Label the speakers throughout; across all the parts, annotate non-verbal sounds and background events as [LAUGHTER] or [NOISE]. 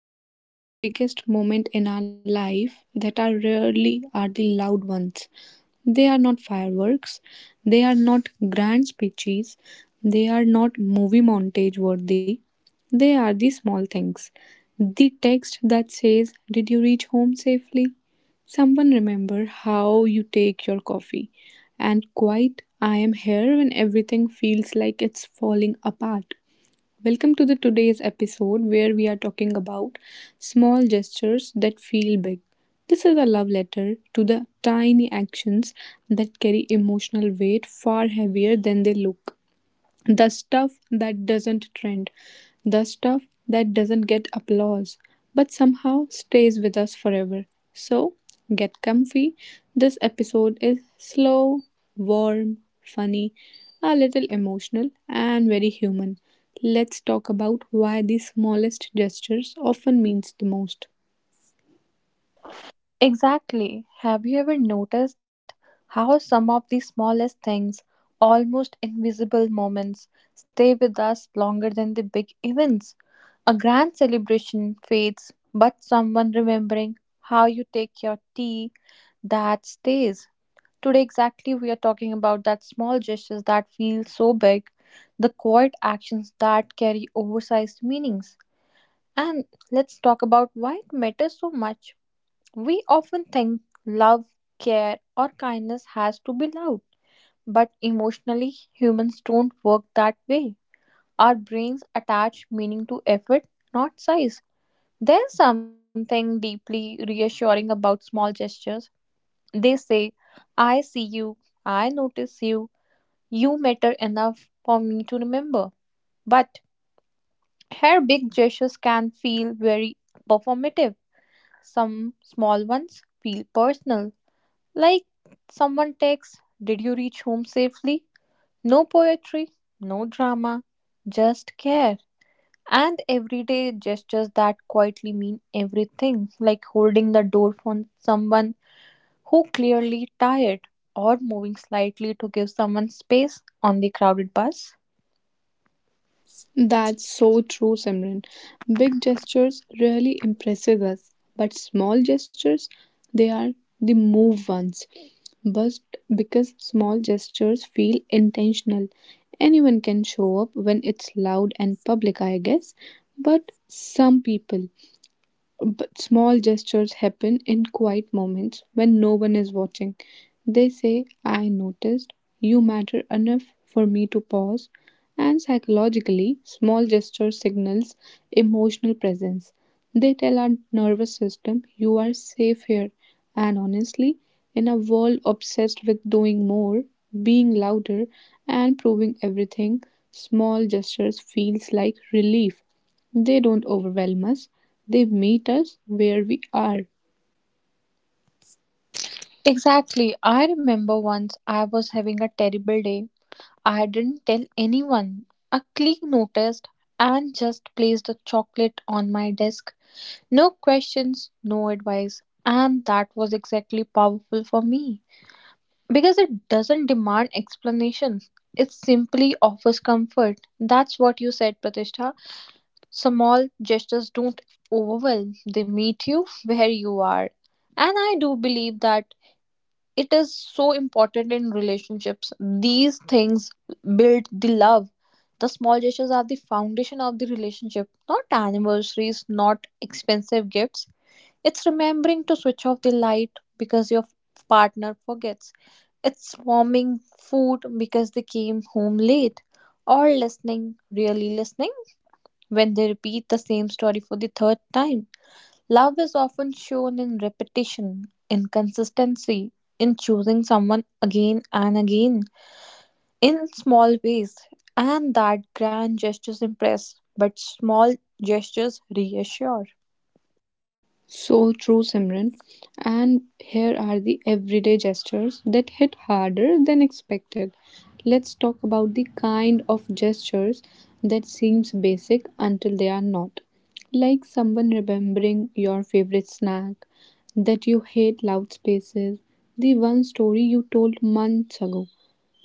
Speaker 1: wild? The biggest moment in our life that are rarely are the loud ones. They are not fireworks, they are not grand speeches, they are not movie montage worthy. They are the small things. The text that says, did you reach home safely? Someone remember how you take your coffee. And quite, I am here when everything feels like it's falling apart. Welcome to the today's episode where we are talking about small gestures that feel big. This is a love letter to the tiny actions that carry emotional weight far heavier than they look. The stuff that doesn't trend, the stuff that doesn't get applause, but somehow stays with us forever. So, get comfy. This episode is slow, warm, funny, a little emotional, and very human. Let's talk about why the smallest gestures often means the most.
Speaker 2: Exactly. Have you ever noticed how some of the smallest things, almost invisible moments, stay with us longer than the big events? A grand celebration fades, but someone remembering how you take your tea, that stays. Today, exactly, we are talking about that small gestures that feel so big, the quiet actions that carry oversized meanings. And let's talk about why it matters so much. We often think love, care, or kindness has to be loud, but emotionally, humans don't work that way. Our brains attach meaning to effort, not size. There's something deeply reassuring about small gestures. They say, I see you, I notice you, you matter enough for me to remember. But her big gestures can feel very performative. Some small ones feel personal. Like someone texts, did you reach home safely? No poetry, no drama, just care. And everyday gestures that quietly mean everything, like holding the door for someone who clearly tired or moving slightly to give someone space on the crowded bus.
Speaker 1: That's so true, Simran. Big gestures really impresses us, but small gestures, they are the move ones. But because small gestures feel intentional, anyone can show up when it's loud and public, I guess. But some people, but small gestures happen in quiet moments when no one is watching. They say, I noticed, you matter enough for me to pause. And psychologically, small gestures signals emotional presence. They tell our nervous system, you are safe here. And honestly, in a world obsessed with doing more, being louder, and proving everything, small gestures feels like relief. They don't overwhelm us, they meet us where we are.
Speaker 2: Exactly. I remember once I was having a terrible day. I didn't tell anyone. A colleague noticed and just placed a chocolate on my desk. No questions, no advice. And that was exactly powerful for me. Because it doesn't demand explanations, it simply offers comfort. That's what you said, Pratishtha. Small gestures don't overwhelm, they meet you where you are. And I do believe that it is so important in relationships. These things build the love. The small gestures are the foundation of the relationship, not anniversaries, not expensive gifts. It's remembering to switch off the light because your partner forgets. It's warming food because they came home late. Or listening, really listening, when they repeat the same story for the third time. Love is often shown in repetition, in consistency, in choosing someone again and again, in small ways. And that grand gestures impress, but small gestures reassure.
Speaker 1: So true, Simran. And here are the everyday gestures that hit harder than expected. Let's talk about the kind of gestures that seems basic until they are not. Like someone remembering your favorite snack, that you hate loud spaces, the one story you told months ago.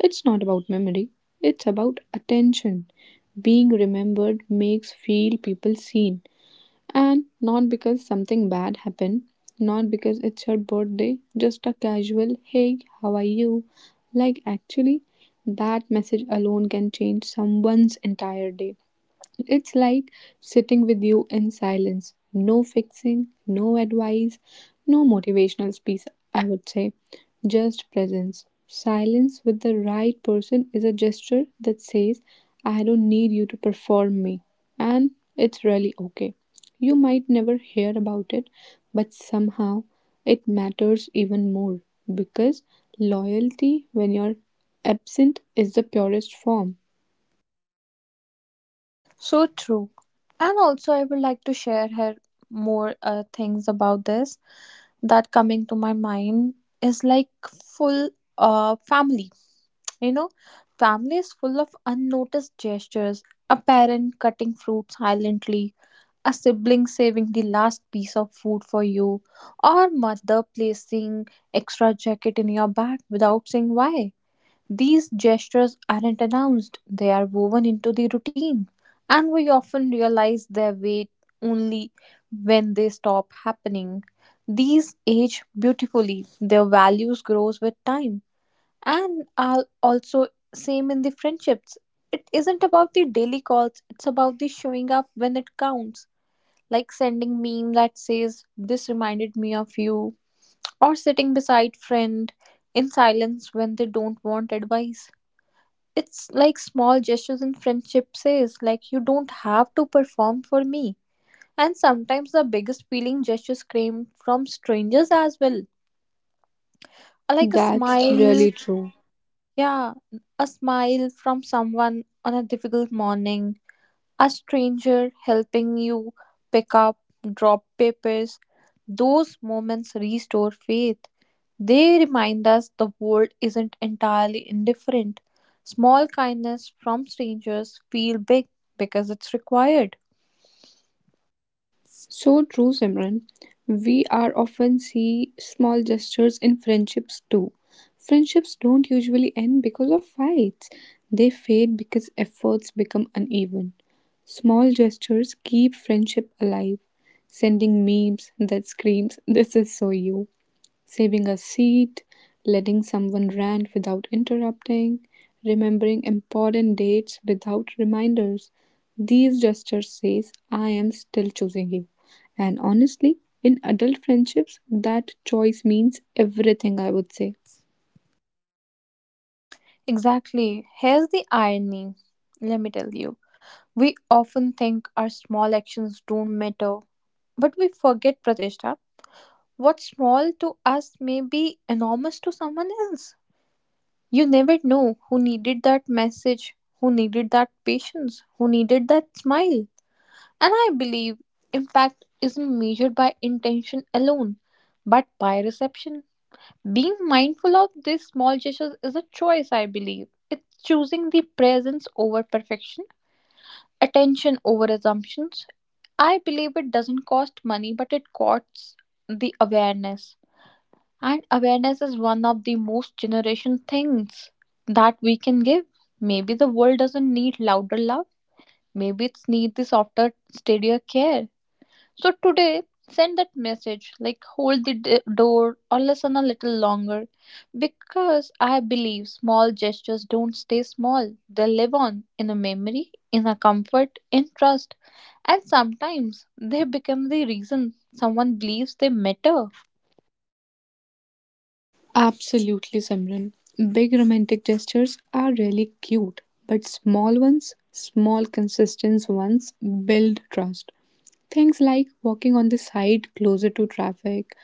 Speaker 1: It's not about memory, it's about attention. Being remembered makes feel people seen and not because something bad happened, not because it's her birthday, just a casual, hey, how are you? Like, actually, that message alone can change someone's entire day. It's like sitting with you in silence. No fixing, no advice, no motivational speech, I would say. Just presence. Silence with the right person is a gesture that says, I don't need you to perform me. And it's really okay. You might never hear about it, but somehow it matters even more because loyalty, when you're absent, is the purest form.
Speaker 2: So true. And also, I would like to share her more things about this that coming to my mind is like full family. You know, family is full of unnoticed gestures. A parent cutting fruit silently, a sibling saving the last piece of food for you, or mother placing extra jacket in your bag without saying why. These gestures aren't announced, they are woven into the routine, and we often realize their weight only when they stop happening. These age beautifully, their values grows with time, and are also same in the friendships. It isn't about the daily calls, it's about the showing up when it counts. Like sending meme that says, this reminded me of you, or sitting beside friend in silence when they don't want advice. It's like small gestures in friendship says, like, you don't have to perform for me. And sometimes the biggest feeling gestures came from strangers as well. Like a
Speaker 1: That's
Speaker 2: smile,
Speaker 1: really true.
Speaker 2: yeah, a smile from someone on a difficult morning, a stranger helping you pick up, drop papers, those moments restore faith. They remind us the world isn't entirely indifferent. Small kindness from strangers feel big because it's required.
Speaker 1: So true, Simran. We are often see small gestures in friendships too. Friendships don't usually end because of fights. They fade because efforts become uneven. Small gestures keep friendship alive. Sending memes that screams, "This is so you," saving a seat, letting someone rant without interrupting, remembering important dates without reminders. These gestures says I am still choosing you. And honestly, in adult friendships, that choice means everything, I would say.
Speaker 2: Exactly. Here's the irony. Let me tell you. We often think our small actions don't matter, but we forget Pratishta. What's small to us may be enormous to someone else. You never know who needed that message, who needed that patience, who needed that smile. And I believe impact isn't measured by intention alone, but by reception. Being mindful of these small gestures is a choice, I believe. It's choosing the presence over perfection, attention over assumptions. I believe it doesn't cost money, but it costs the awareness. And awareness is one of the most generation things that we can give. Maybe the world doesn't need louder love. Maybe it's need the softer, steadier care. So today, send that message, like hold the door, or listen a little longer, because I believe small gestures don't stay small. They live on in a memory, in a comfort, in trust, and sometimes they become the reason someone believes they matter.
Speaker 1: Absolutely, Simran. Big romantic gestures are really cute, but small ones, small consistent ones build trust. Things like walking on the side closer to traffic,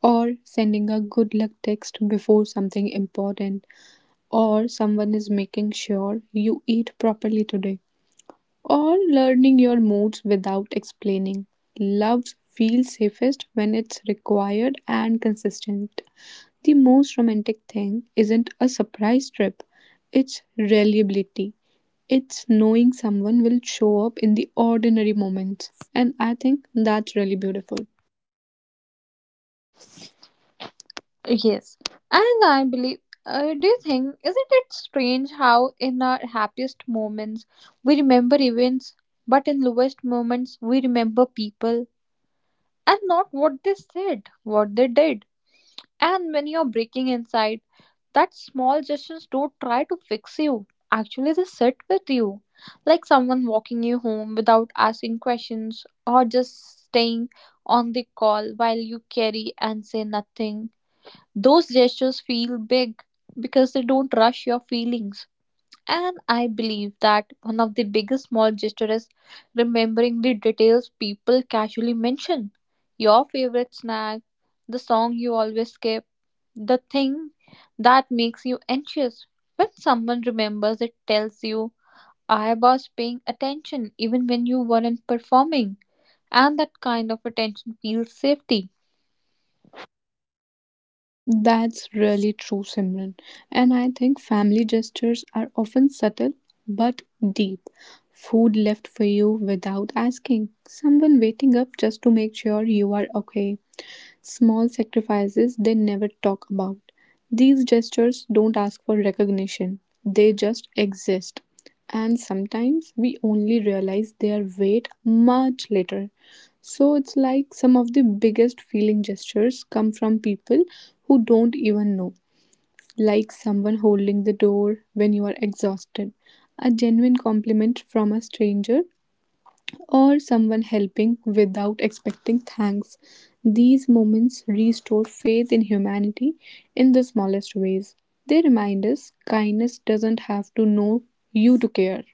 Speaker 1: or sending a good luck text before something important, or someone is making sure you eat properly today, or learning your moods without explaining. Love feels safest when it's required and consistent. The most romantic thing isn't a surprise trip, it's reliability. It's knowing someone will show up in the ordinary moments. And I think that's really beautiful.
Speaker 2: Yes, and I believe. Do you think, isn't it strange how in our happiest moments we remember events, but in lowest moments we remember people and not what they said, what they did. And when you're breaking inside, that small gestures don't try to fix you. Actually, they sit with you, like someone walking you home without asking questions, or just staying on the call while you carry and say nothing. Those gestures feel big because they don't rush your feelings. And I believe that one of the biggest small gestures is remembering the details people casually mention. Your favorite snack, the song you always skip, the thing that makes you anxious. When someone remembers, it tells you, I was paying attention even when you weren't performing. And that kind of attention feels safety.
Speaker 1: That's really true, Simran. And I think family gestures are often subtle but deep. Food left for you without asking, someone waiting up just to make sure you are okay, small sacrifices they never talk about. These gestures don't ask for recognition, they just exist. And sometimes we only realize their weight much later. So it's like some of the biggest feeling gestures come from people who don't even know, like someone holding the door when you are exhausted, a genuine compliment from a stranger or someone helping without expecting thanks. These moments restore faith in humanity in the smallest ways. They remind us kindness doesn't have to know you to care.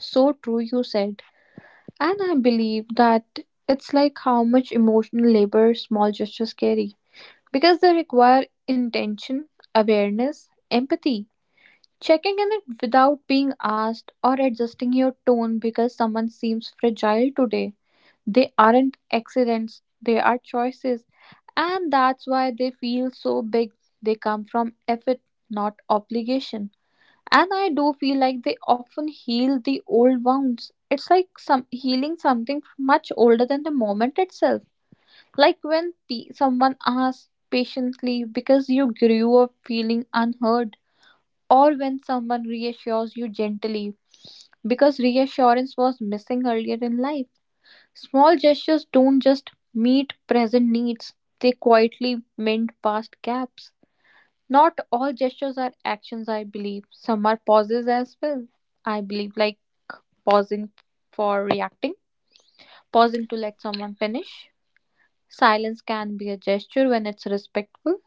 Speaker 2: So true, you said. And I believe that it's like how much emotional labor small gestures carry because they require intention, awareness, empathy, checking in it without being asked, or adjusting your tone because someone seems fragile today. They aren't accidents, they are choices, and that's why they feel so big. They come from effort, not obligation. And I do feel like they often heal the old wounds. It's like some healing something much older than the moment itself. Like when someone asks patiently because you grew up feeling unheard, or when someone reassures you gently because reassurance was missing earlier in life. Small gestures don't just meet present needs, they quietly mend past gaps. Not all gestures are actions, I believe. Some are pauses as well. I believe, like pausing for reacting, pausing to let someone finish. Silence can be a gesture when it's respectful.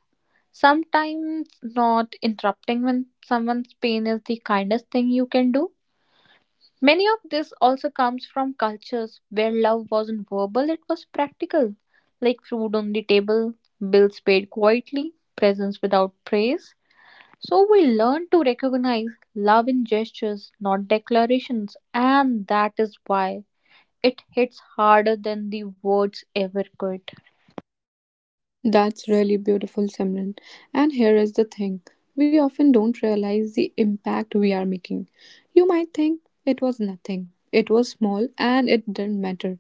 Speaker 2: Sometimes, not interrupting when someone's pain is the kindest thing you can do. Many of this also comes from cultures where love wasn't verbal, it was practical, like food on the table, bills paid quietly, presents without praise. So we learn to recognize love in gestures, not declarations, and that is why it hits harder than the words ever could.
Speaker 1: That's really beautiful, Simran. And here is the thing, we often don't realize the impact we are making. You might think it was nothing, it was small, and it didn't matter.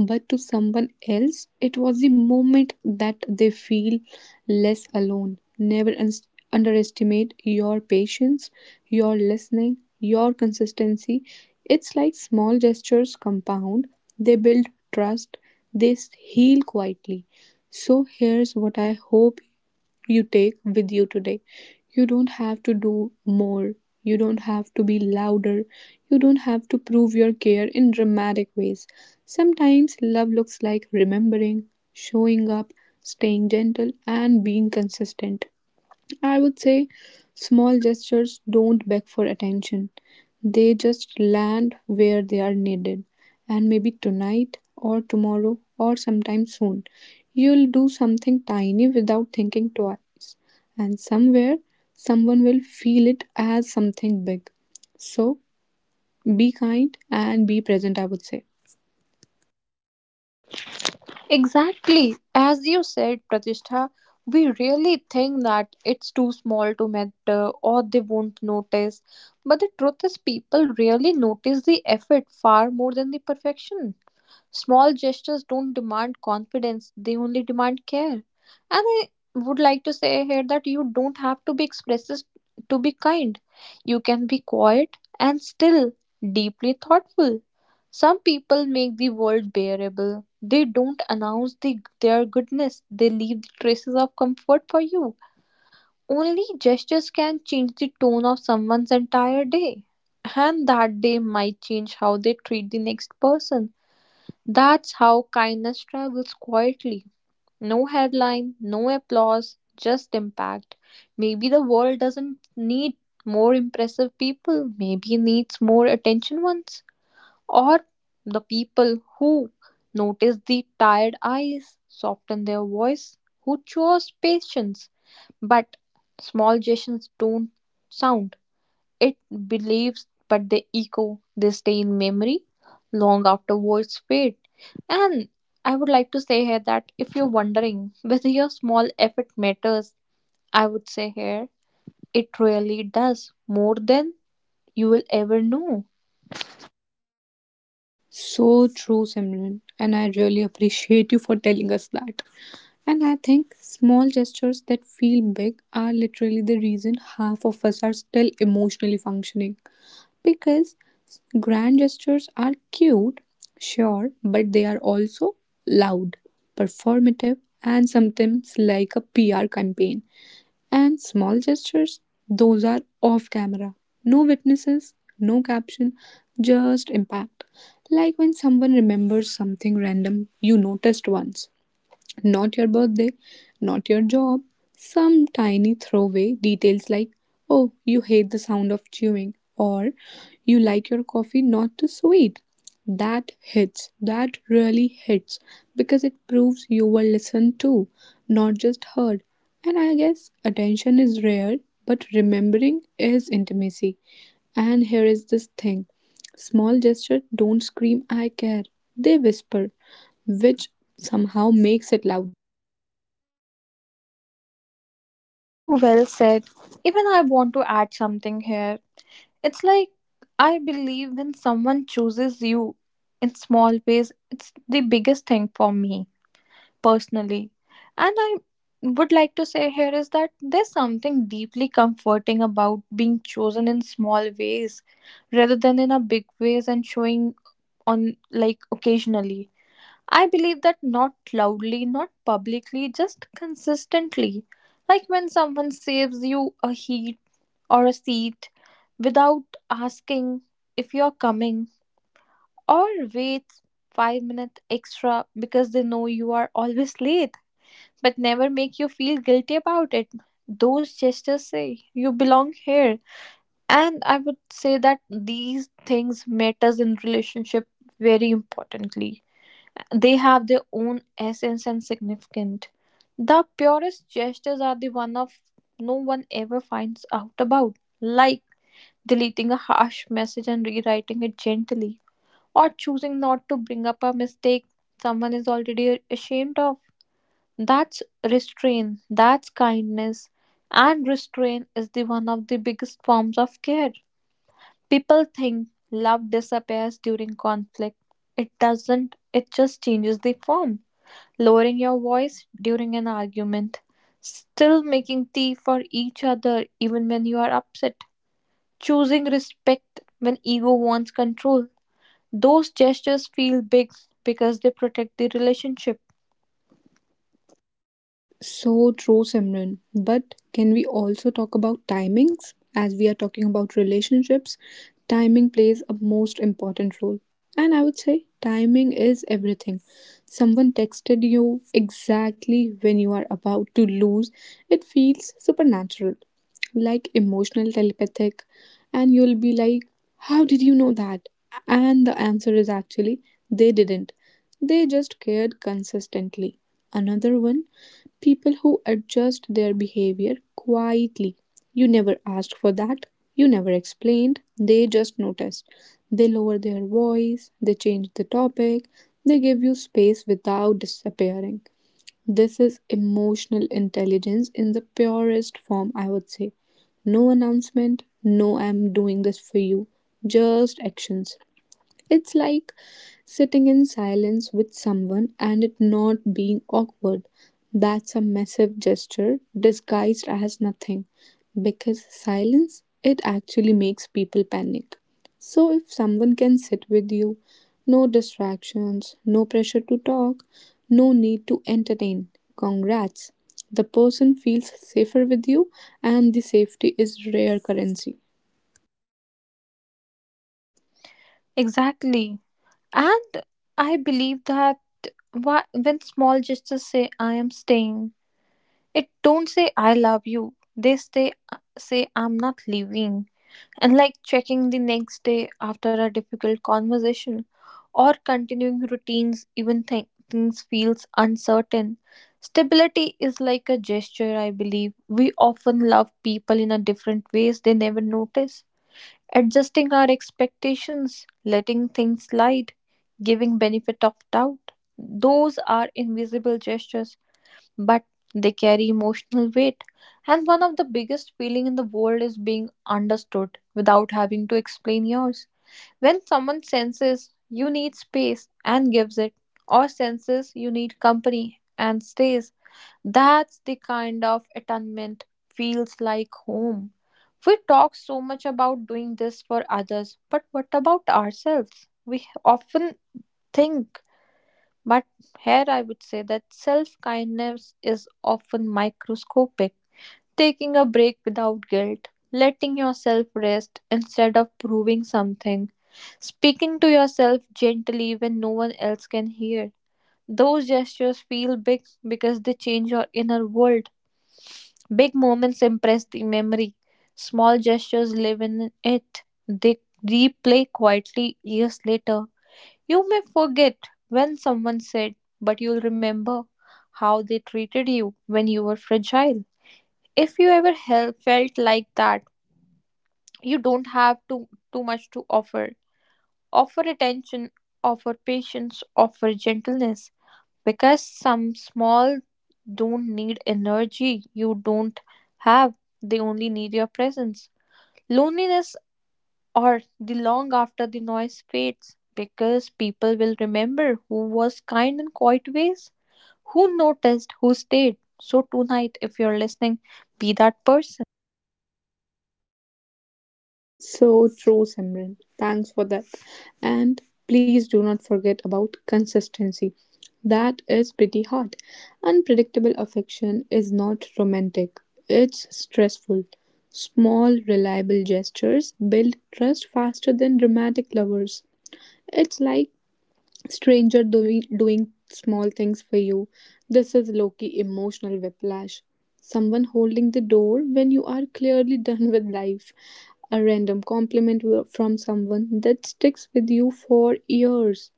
Speaker 1: But to someone else, it was the moment that they feel less alone. Never underestimate your patience, your listening, your consistency. It's like small gestures compound, they build trust, they heal quietly. So here's what I hope you take with you today. You don't have to do more. You don't have to be louder. You don't have to prove your care in dramatic ways. Sometimes love looks like remembering, showing up, staying gentle, and being consistent. I would say small gestures don't beg for attention. They just land where they are needed. And maybe tonight or tomorrow or sometime soon, you'll do something tiny without thinking twice. And somewhere, someone will feel it as something big. So be kind and be present, I would say.
Speaker 2: Exactly. As you said, Pratishtha, we really think that it's too small to matter or they won't notice. But the truth is, people really notice the effort far more than the perfection. Small gestures don't demand confidence, they only demand care. And I would like to say here that you don't have to be expressive to be kind. You can be quiet and still deeply thoughtful. Some people make the world bearable. They don't announce their goodness, they leave traces of comfort for you. Only gestures can change the tone of someone's entire day. And that day might change how they treat the next person. That's how kindness travels quietly. No headline, no applause, just impact. Maybe the world doesn't need more impressive people, maybe it needs more attention ones. Or the people who notice the tired eyes, soften their voice, who chose patience. But small gestures don't sound. It believes, but they echo, they stay in memory long after words fade. And I would like to say here that if you're wondering whether your small effort matters, I would say here it really does more than you will ever know.
Speaker 1: So true, Simran. And I really appreciate you for telling us that. And I think small gestures that feel big are literally the reason half of us are still emotionally functioning. Because grand gestures are cute, sure, but they are also loud, performative, and sometimes like a PR campaign. And small gestures, those are off camera. No witnesses, no caption, just impact. Like when someone remembers something random you noticed once. Not your birthday, not your job. Some tiny throwaway details like, oh, you hate the sound of chewing, or you like your coffee not too sweet. That hits, that really hits, because it proves you were listened to, not just heard. And I guess attention is rare, but remembering is intimacy. And here is this thing, small gesture don't scream, I care. They whisper, which somehow makes it louder.
Speaker 2: So well said. Even I want to add something here. It's like I believe when someone chooses you in small ways, it's the biggest thing for me personally. And I would like to say here is that there's something deeply comforting about being chosen in small ways rather than in a big ways and showing on like occasionally. I believe that not loudly, not publicly, just consistently. Like when someone saves you a heat or a seat without asking if you're coming, or waits 5 minutes extra because they know you are always late but never make you feel guilty about it. Those gestures say you belong here. And I would say that these things matters in relationship very importantly. They have their own essence and significance. The purest gestures are the one of no one ever finds out about, like deleting a harsh message and rewriting it gently, or choosing not to bring up a mistake someone is already ashamed of. That's restraint, that's kindness, and restraint is the one of the biggest forms of care. People think love disappears during conflict. It doesn't, it just changes the form. Lowering your voice during an argument, still making tea for each other even when you are upset, choosing respect when ego wants control. Those gestures feel big because they protect the relationship.
Speaker 1: So true, Simran. But can we also talk about timings? As we are talking about relationships, timing plays a most
Speaker 2: Sure.
Speaker 1: important role. And I would say timing is everything. Someone texted you exactly when you are about to lose, it feels supernatural, like emotional telepathic. And you'll be like, how did you know that? And the answer is actually, they didn't. They just cared consistently. Another one, people who adjust their behavior quietly. You never asked for that. You never explained. They just noticed. They lower their voice. They change the topic. They give you space without disappearing. This is emotional intelligence in the purest form, I would say. No announcement. No, I'm doing this for you. Just actions. It's like sitting in silence with someone and it not being awkward. That's a massive gesture disguised as nothing. Because silence, it actually makes people panic. So if someone can sit with you, no distractions, no pressure to talk, no need to entertain, congrats. The person feels safer with you, and the safety is rare currency.
Speaker 2: Exactly. And I believe that why, when small gestures say I am staying, it don't say I love you. They say I'm not leaving. And like checking the next day after a difficult conversation or continuing routines even things feels uncertain. Stability is like a gesture, I believe. We often love people in a different ways they never notice. Adjusting our expectations, letting things slide, giving benefit of doubt. Those are invisible gestures, but they carry emotional weight. And one of the biggest feeling in the world is being understood without having to explain yours. When someone senses you need space and gives it, or senses you need company and stays, that's the kind of attunement feels like home. We talk so much about doing this for others, but what about ourselves? We often think, but here I would say that self kindness is often microscopic. Taking a break without guilt, letting yourself rest instead of proving something, speaking to yourself gently when no one else can hear. Those gestures feel big because they change your inner world. Big moments impress the memory. Small gestures live in it. They replay quietly years later. You may forget when someone said, but you'll remember how they treated you when you were fragile. If you ever felt like that, you don't have too much to offer. Offer attention, offer patience, offer gentleness. Because some small don't need energy you don't have, they only need your presence. Loneliness or the long after the noise fades because people will remember who was kind in quiet ways, who noticed, who stayed. So, tonight, if you're listening, be that person.
Speaker 1: So true, Simran. Thanks for that. And please do not forget about consistency. That is pretty hard. Unpredictable affection is not romantic, it's stressful. Small, reliable gestures build trust faster than dramatic lovers. It's like stranger doing small things for you. This is Loki emotional whiplash. Someone holding the door when you are clearly done [LAUGHS] with life. A random compliment from someone that sticks with you for years.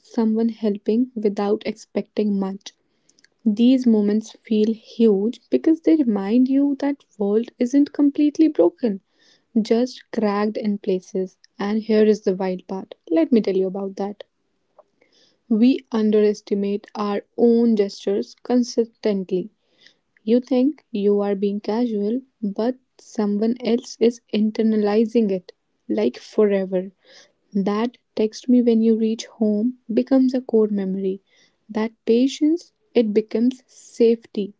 Speaker 1: Someone helping without expecting much. These moments feel huge because they remind you that world isn't completely broken, just cracked in places. And here is the wild part. Let me tell you about that. We underestimate our own gestures consistently. You think you are being casual, but someone else is internalizing it like forever. That text me when you reach home becomes a core memory. That patience, it becomes safety.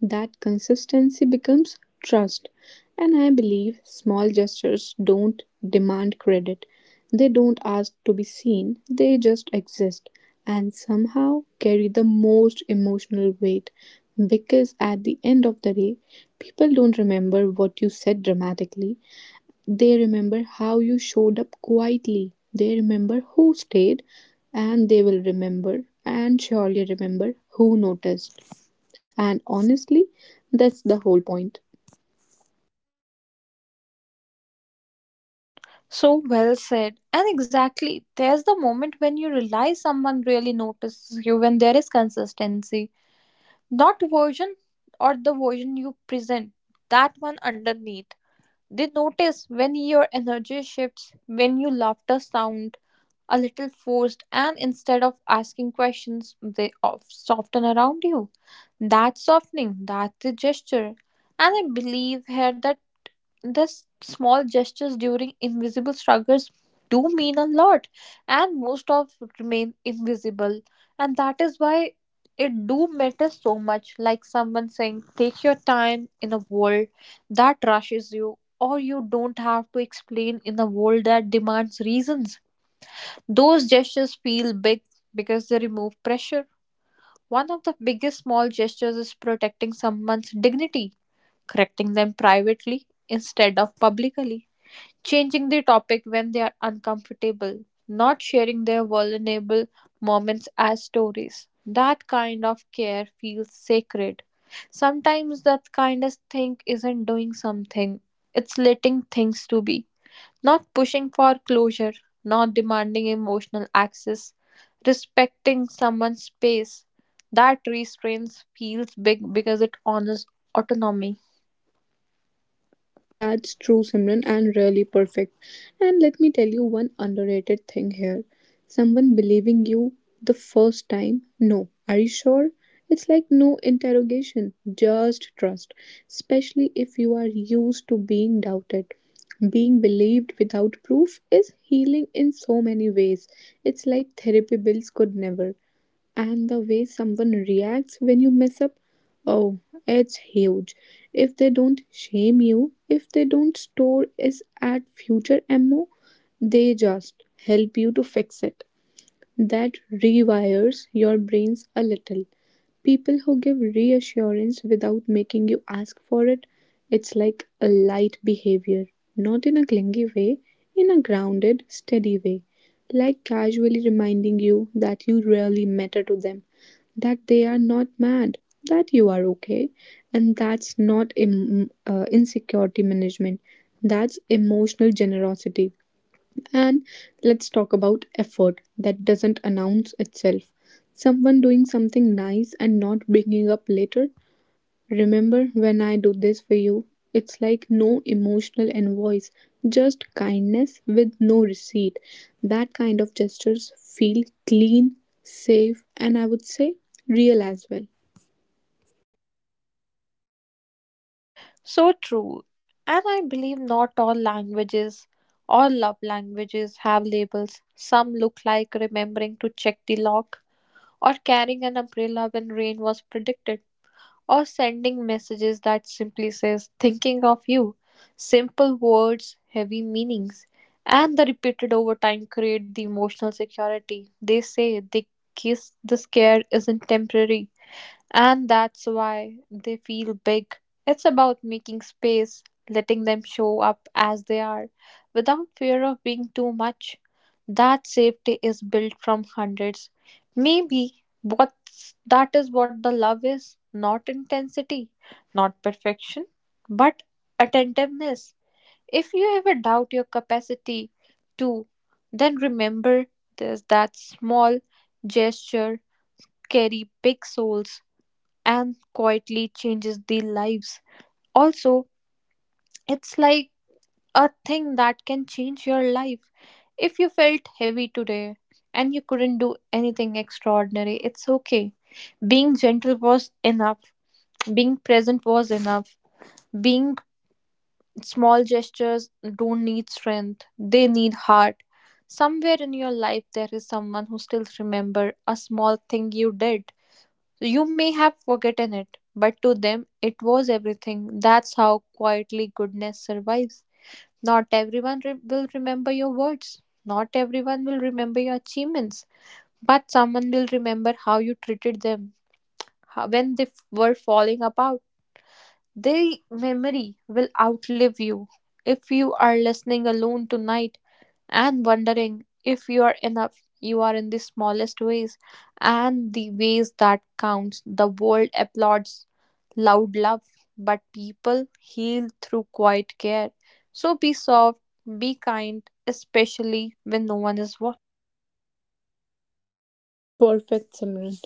Speaker 1: That consistency becomes trust. And I believe small gestures don't demand credit. They don't ask to be seen, they just exist and somehow carry the most emotional weight. Because at the end of the day, people don't remember what you said dramatically, they remember how you showed up quietly, they remember who stayed, and they will remember and surely remember who noticed. And honestly, that's the whole point.
Speaker 2: So well said. And exactly, there's the moment when you realize someone really notices you when there is consistency. Not version or the version you present, that one underneath. They notice when your energy shifts, when your laughter sound a little forced, and instead of asking questions, they soften around you. That softening, that's the gesture. And I believe here that these small gestures during invisible struggles do mean a lot, and most of remain invisible, and that is why it do matter so much. Like someone saying, "Take your time in a world that rushes you." Or you don't have to explain in a world that demands reasons. Those gestures feel big because they remove pressure. One of the biggest small gestures is protecting someone's dignity, correcting them privately instead of publicly, changing the topic when they are uncomfortable, not sharing their vulnerable moments as stories. That kind of care feels sacred. Sometimes that kindest thing isn't doing something, it's letting things to be. Not pushing for closure, not demanding emotional access, respecting someone's space. That restraint feels big because it honors autonomy.
Speaker 1: That's true, Simran, and really perfect. And let me tell you one underrated thing here. Someone believing you the first time, no, are you sure? It's like no interrogation, just trust, especially if you are used to being doubted. Being believed without proof is healing in so many ways. It's like therapy bills could never. And the way someone reacts when you mess up, oh, it's huge. If they don't shame you, if they don't store it at future ammo, they just help you to fix it, that rewires your brains a little. People who give reassurance without making you ask for it, it's like a light behavior, not in a clingy way, in a grounded steady way, like casually reminding you that you really matter to them, that they are not mad, that you are okay. And that's not insecurity management, that's emotional generosity. And let's talk about effort that doesn't announce itself. Someone doing something nice and not bringing up later, remember when I do this for you? It's like no emotional invoice, just kindness with no receipt. That kind of gestures feel clean, safe, and I would say real as well.
Speaker 2: So true. And I believe not all languages or love languages have labels. Some look like remembering to check the lock, or carrying an umbrella when rain was predicted, or sending messages that simply says, thinking of you. Simple words, heavy meanings, and the repeated over time create the emotional security. They say the kiss, the scare isn't temporary. And that's why they feel big. It's about making space, letting them show up as they are, without fear of being too much. That safety is built from hundreds. Maybe that is what the love is, not intensity, not perfection, but attentiveness. If you ever doubt your capacity to, then remember this, that small gesture carry big souls and quietly changes the lives. Also, it's like a thing that can change your life. If you felt heavy today and you couldn't do anything extraordinary, it's okay. Being gentle was enough, being present was enough. Being small gestures don't need strength, they need heart. Somewhere in your life, there is someone who still remember a small thing you did. So, you may have forgotten it, but to them it was everything. That's how quietly goodness survives. Not everyone will remember your words, not everyone will remember your achievements, but someone will remember how you treated them, how, when they were falling apart. Their memory will outlive you. If you are listening alone tonight, and wondering if you are enough, you are, in the smallest ways and the ways that counts. The world applauds loud love, but people heal through quiet care. So be soft, be kind, especially when no one is watching.
Speaker 1: Perfect, Simran.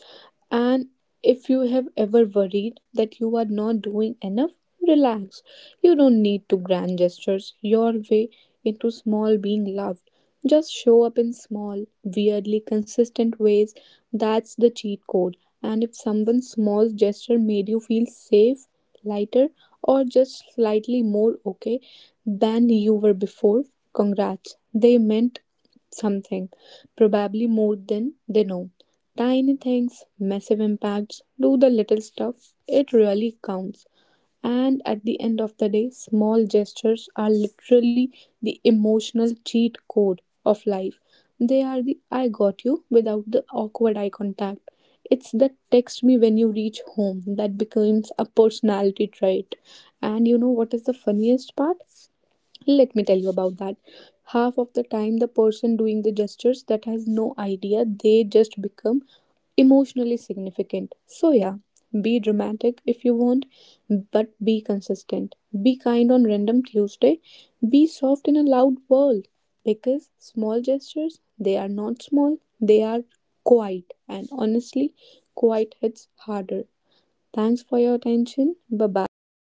Speaker 1: And if you have ever worried that you are not doing enough, relax. You don't need to grand gestures your way into small being loved. Just show up in small, weirdly consistent ways. That's the cheat code. And if someone's small gesture made you feel safe, lighter, or just slightly more okay than you were before, congrats. They meant something, probably more than they know. Tiny things, massive impacts, do the little stuff, it really counts. And at the end of the day, small gestures are literally the emotional cheat code of life. They are the I got you without the awkward eye contact. It's the text me when you reach home that becomes a personality trait. And you know what is the funniest part? Let me tell you about that. Half of the time, the person doing the gestures that has no idea, they just become emotionally significant. So, yeah, be dramatic if you want, but be consistent. Be kind on random Tuesday. Be soft in a loud world because small gestures, they are not small, they are quiet. And honestly, quiet hits harder. Thanks for your attention. Bye bye.